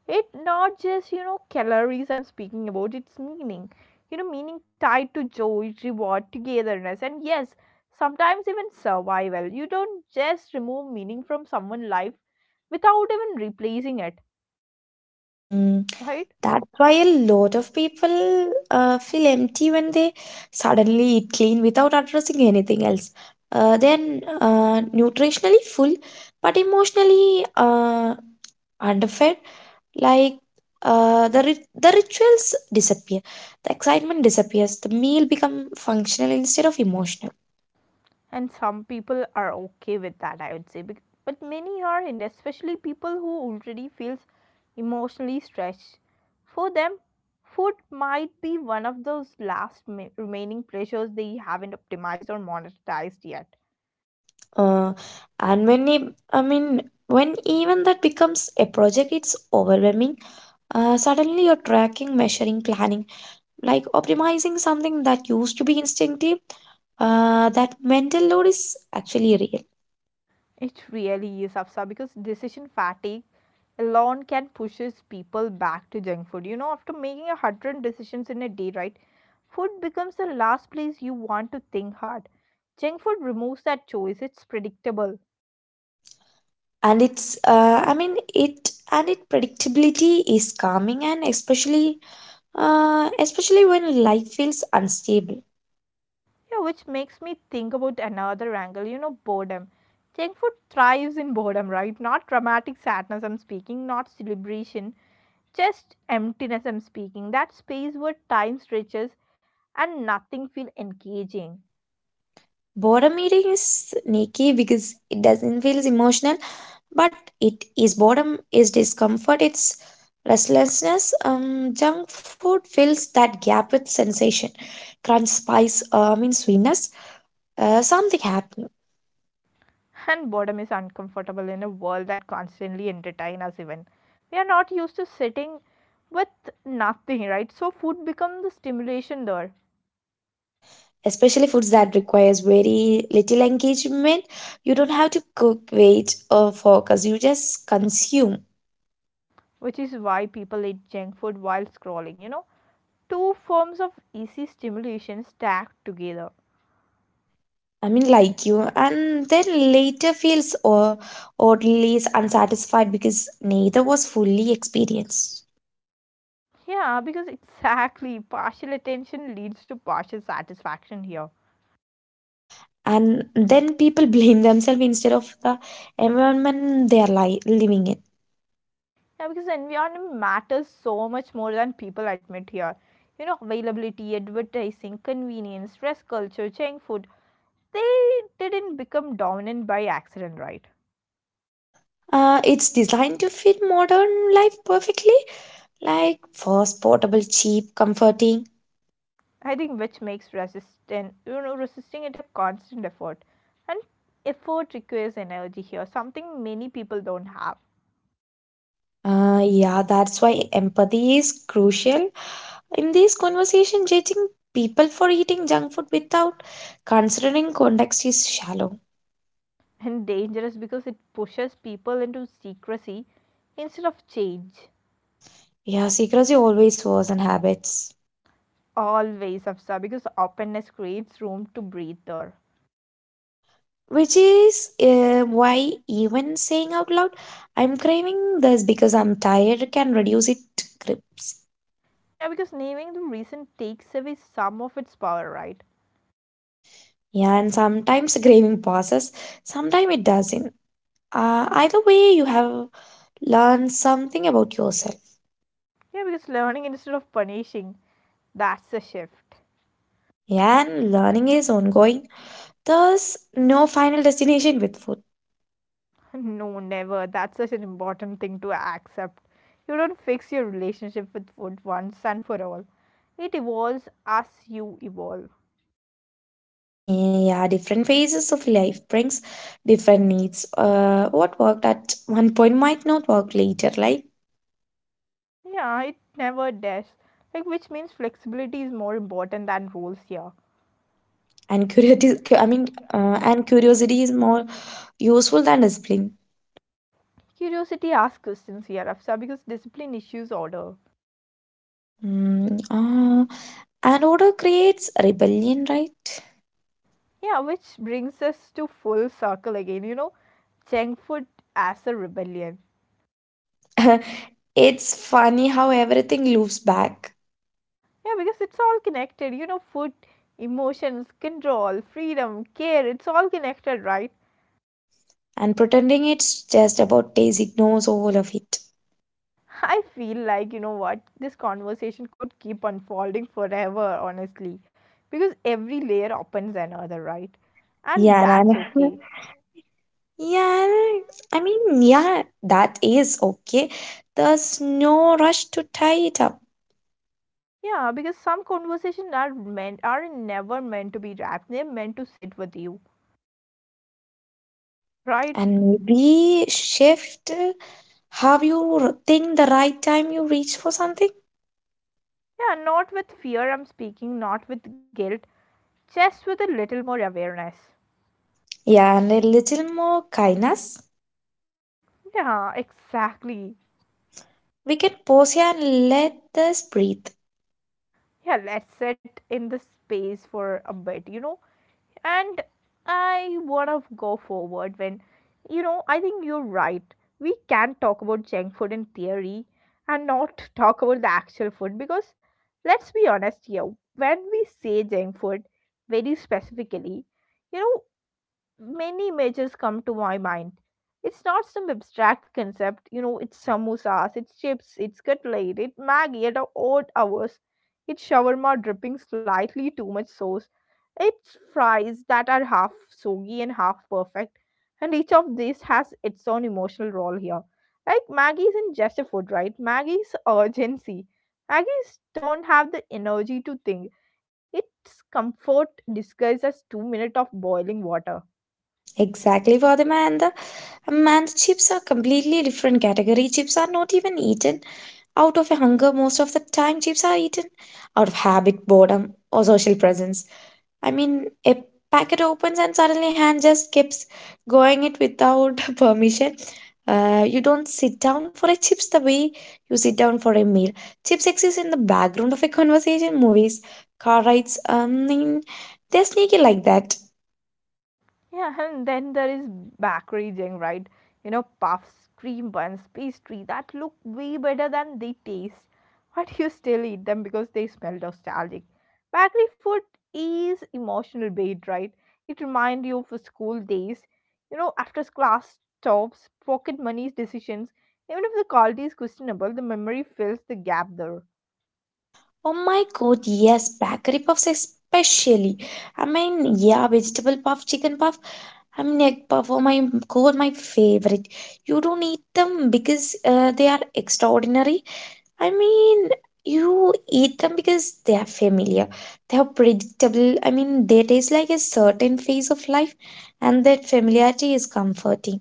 A: It not just, you know, calories, I'm speaking about its meaning, you know, meaning tied to joy, reward, togetherness, and yes, sometimes even survival. You don't just remove meaning from someone's life without even replacing it,
B: Mm,
A: right?
B: that's why a lot of people uh, feel empty when they suddenly eat clean without addressing anything else. Uh, then uh, Nutritionally full, but emotionally uh, underfed. Like uh, the rit- the rituals disappear, the excitement disappears, the meal become functional instead of emotional.
A: And some people are okay with that, I would say, bec- but many aren't, especially people who already feels emotionally stretched. For them, food might be one of those last ma- remaining pleasures they haven't optimized or monetized yet.
B: Uh, and when it, I mean, when even that becomes a project, it's overwhelming. Uh, suddenly you're tracking, measuring, planning, like optimizing something that used to be instinctive. Uh, that mental load is actually real,
A: It really is, Afsa, because decision fatigue alone can pushes people back to junk food. You know, after making a hundred decisions in a day, right? Food becomes the last place you want to think hard. Junk food removes that choice. It's predictable.
B: and it's. Uh, I mean, it and it predictability is calming, and especially, uh, especially when life feels unstable.
A: Yeah, which makes me think about another angle. You know, boredom. Junk food thrives in boredom, right? Not dramatic sadness. I'm speaking, not celebration. Just emptiness. I'm speaking. That space where time stretches and nothing feel engaging.
B: Boredom eating is sneaky because it doesn't feel emotional, but it is. Boredom is discomfort, it's restlessness. Um, junk food fills that gap with sensation, crunch, spice, uh, I mean sweetness. Uh, something happening,
A: And boredom is uncomfortable in a world that constantly entertain us even. We are not used to sitting with nothing, right? So food becomes the stimulation there,
B: especially foods that requires very little engagement. You don't have to cook, wait, or focus. You just consume.
A: which is why people eat junk food while scrolling, you know. Two forms of easy stimulation stacked together.
B: I mean, like you, and then later feels or oddly unsatisfied because neither was fully experienced.
A: Yeah, because exactly partial attention leads to partial satisfaction here.
B: And then people blame themselves instead of the environment they are li- living in.
A: Yeah, because environment matters so much more than people admit here. You know, availability, advertising, convenience, stress culture, junk food, they didn't become dominant by accident, right?
B: Uh, it's designed to fit modern life perfectly, like fast, portable, cheap, comforting.
A: I think which makes resistant, you know, resisting it a constant effort. And effort requires energy here, something many people don't have.
B: Uh, yeah, that's why empathy is crucial. In this conversation, judging people for eating junk food without considering context is shallow.
A: And dangerous because it pushes people into secrecy instead of change.
B: Yeah, secrecy always was in habits,
A: Always, Afsa, because openness creates room to breathe there.
B: which is uh, why even saying out loud, I'm craving this because I'm tired, can reduce it grips.
A: Yeah, because naming the reason takes away some of its power, right?
B: Yeah, and sometimes the craving passes, sometimes it doesn't. Uh, either way, you have learned something about yourself.
A: Yeah, because learning instead of punishing, that's a shift.
B: Yeah, and learning is ongoing. There's no final destination with food.
A: No, never. That's such an important thing to accept. You don't fix your relationship with food once and for all. It evolves as you evolve.
B: Yeah, different phases of life brings different needs. Uh, what worked at one point might not work later, like
A: Yeah, it never does. Like, which means flexibility is more important than rules here.
B: and curiosity. I mean, uh, and curiosity is more useful than discipline.
A: Curiosity asks questions here, Afsa, because discipline issues order.
B: Mm, uh, and order creates rebellion, right?
A: Yeah, which brings us to full circle again, you know, junk food as a rebellion.
B: it's funny how everything loops back,
A: Yeah, because it's all connected, you know, food, emotions, control, freedom, care, it's all connected, right?
B: and pretending it's just about taste ignores all of it.
A: I feel like, you know what, this conversation could keep unfolding forever, honestly, because every layer opens another, right? And
B: Yeah,
A: that's
B: Nana.
A: okay.
B: Yeah, I mean, yeah, that is okay. There's no rush to tie it up.
A: Yeah, because some conversations are meant are never meant to be wrapped. They're meant to sit with you, right?
B: And maybe shift uh, how you r- think the right time you reach for something.
A: Yeah, not with fear, I'm speaking, not with guilt, just with a little more awareness.
B: Yeah, and a little more kindness.
A: Yeah, exactly.
B: We can pause here and let this breathe.
A: Yeah, let's sit in the space for a bit, you know. And I wanna go forward when, you know, I think you're right, we can talk about junk food in theory and not talk about the actual food because let's be honest here, when we say junk food very specifically, you know, many images come to my mind. It's not some abstract concept, you know, it's samosas, it's chips, it's cutlet, it's Maggie at odd hours, it's shawarma dripping slightly too much sauce, it's fries that are half soggy and half perfect, and each of these has its own emotional role here. Like Maggie isn't just a food, right? Maggie's urgency. Maggie's don't have the energy to think. It's comfort disguised as two minutes of boiling water.
B: Exactly, Vadima. Um, and chips are completely different category. Chips are not even eaten out of a hunger most of the time. Chips are eaten out of habit, boredom, or social presence. I mean, a packet opens and suddenly hand just keeps going it without permission. Uh, you don't sit down for a chips the way you sit down for a meal. Chips exist in the background of a conversation, movies, car rides. Um, I mean, they're sneaky like that.
A: Yeah, and then there is bakery jeng, right? You know, puffs, cream buns, pastry that look way better than they taste. But you still eat them because they smell nostalgic. Bakery food is emotional bait, right? It reminds you of school days. You know, after class stops, pocket money's decisions. Even if the quality is questionable, the memory fills the gap there.
B: Oh my god, yes, bakery puffs especially. I mean, yeah, vegetable puff, chicken puff, I mean egg puff. Oh my god, my favorite. You don't eat them because uh, they are extraordinary. I mean, you eat them because they are familiar, they are predictable. I mean, they taste like a certain phase of life, and that familiarity is comforting.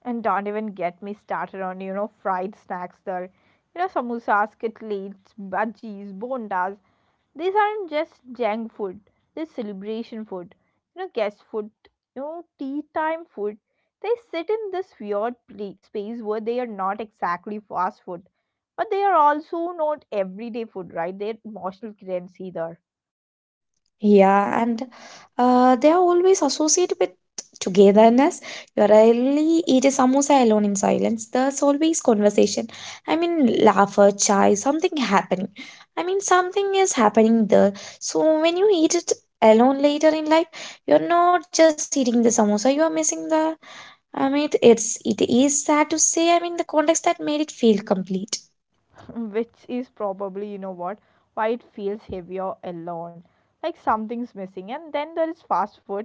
A: And don't even get me started on, you know, fried snacks there. You know, samosas, kitlis, bhajis, bondas. These aren't just junk food. They're celebration food. You know, guest food, you know, tea time food. They sit in this weird pla- space where they are not exactly fast food. But they are also not everyday food, right? They're emotional currency there.
B: Yeah, and uh, they are always associated with togetherness. You rarely eat a samosa alone in silence. There's always conversation. I mean, laughter, chai, something happening. I mean, something is happening there. So when you eat it alone later in life, you're not just eating the samosa, you are missing the. I mean, it- it's it is sad to say. I mean, the context that made it feel complete.
A: Which is probably, you know, what, why it feels heavier alone, like something's missing. And then there is fast food,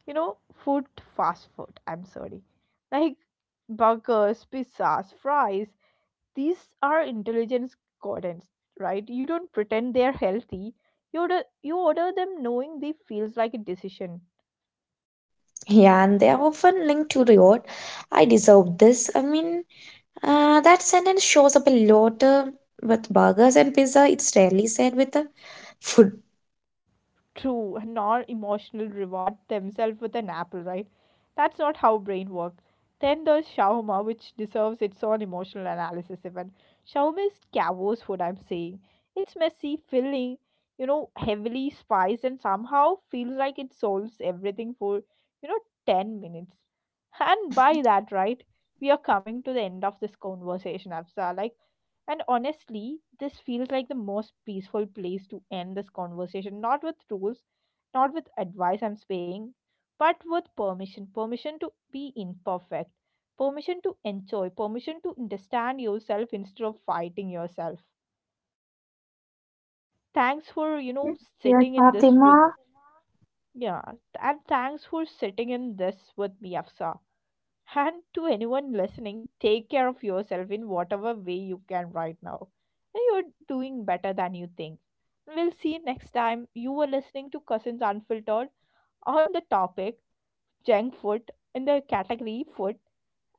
A: you know, food fast food, I'm sorry, like burgers, pizzas, fries, these are intelligence gardens, right? You don't pretend they're healthy. You order, you order them knowing they feels like a decision.
B: Yeah, and they are often linked to reward. I deserve this. I mean, Uh, that sentence shows up a lot uh, with burgers and pizza. It's rarely said with uh, food.
A: True, nor emotional reward themselves with an apple, right? That's not how brain work. Then there's shawarma, which deserves its own emotional analysis even. Shawarma is chaos food, I'm saying. It's messy, filling, you know, heavily spiced and somehow feels like it solves everything for, you know, ten minutes. And by that, right, we are coming to the end of this conversation, Afza. Like, and honestly, this feels like the most peaceful place to end this conversation. Not with rules, not with advice, I'm saying, but with permission. Permission to be imperfect. Permission to enjoy. Permission to understand yourself instead of fighting yourself. Thanks for, you
B: Yeah.
A: know,
B: Yes,
A: sitting in this with
B: Fatima.
A: yeah. And thanks for sitting in this with me, Afsa. And to anyone listening, take care of yourself in whatever way you can right now. And you're doing better than you think. We'll see you next time. You were listening to Cousins Unfiltered, on the topic junk food, in the category food,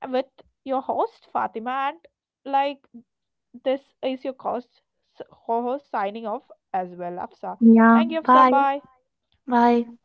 A: with your host Fatima and, like, this is your host, host signing off as well, Afsa. Thank
B: Yeah,
A: you Afsa,
B: bye.
A: bye.
B: Bye.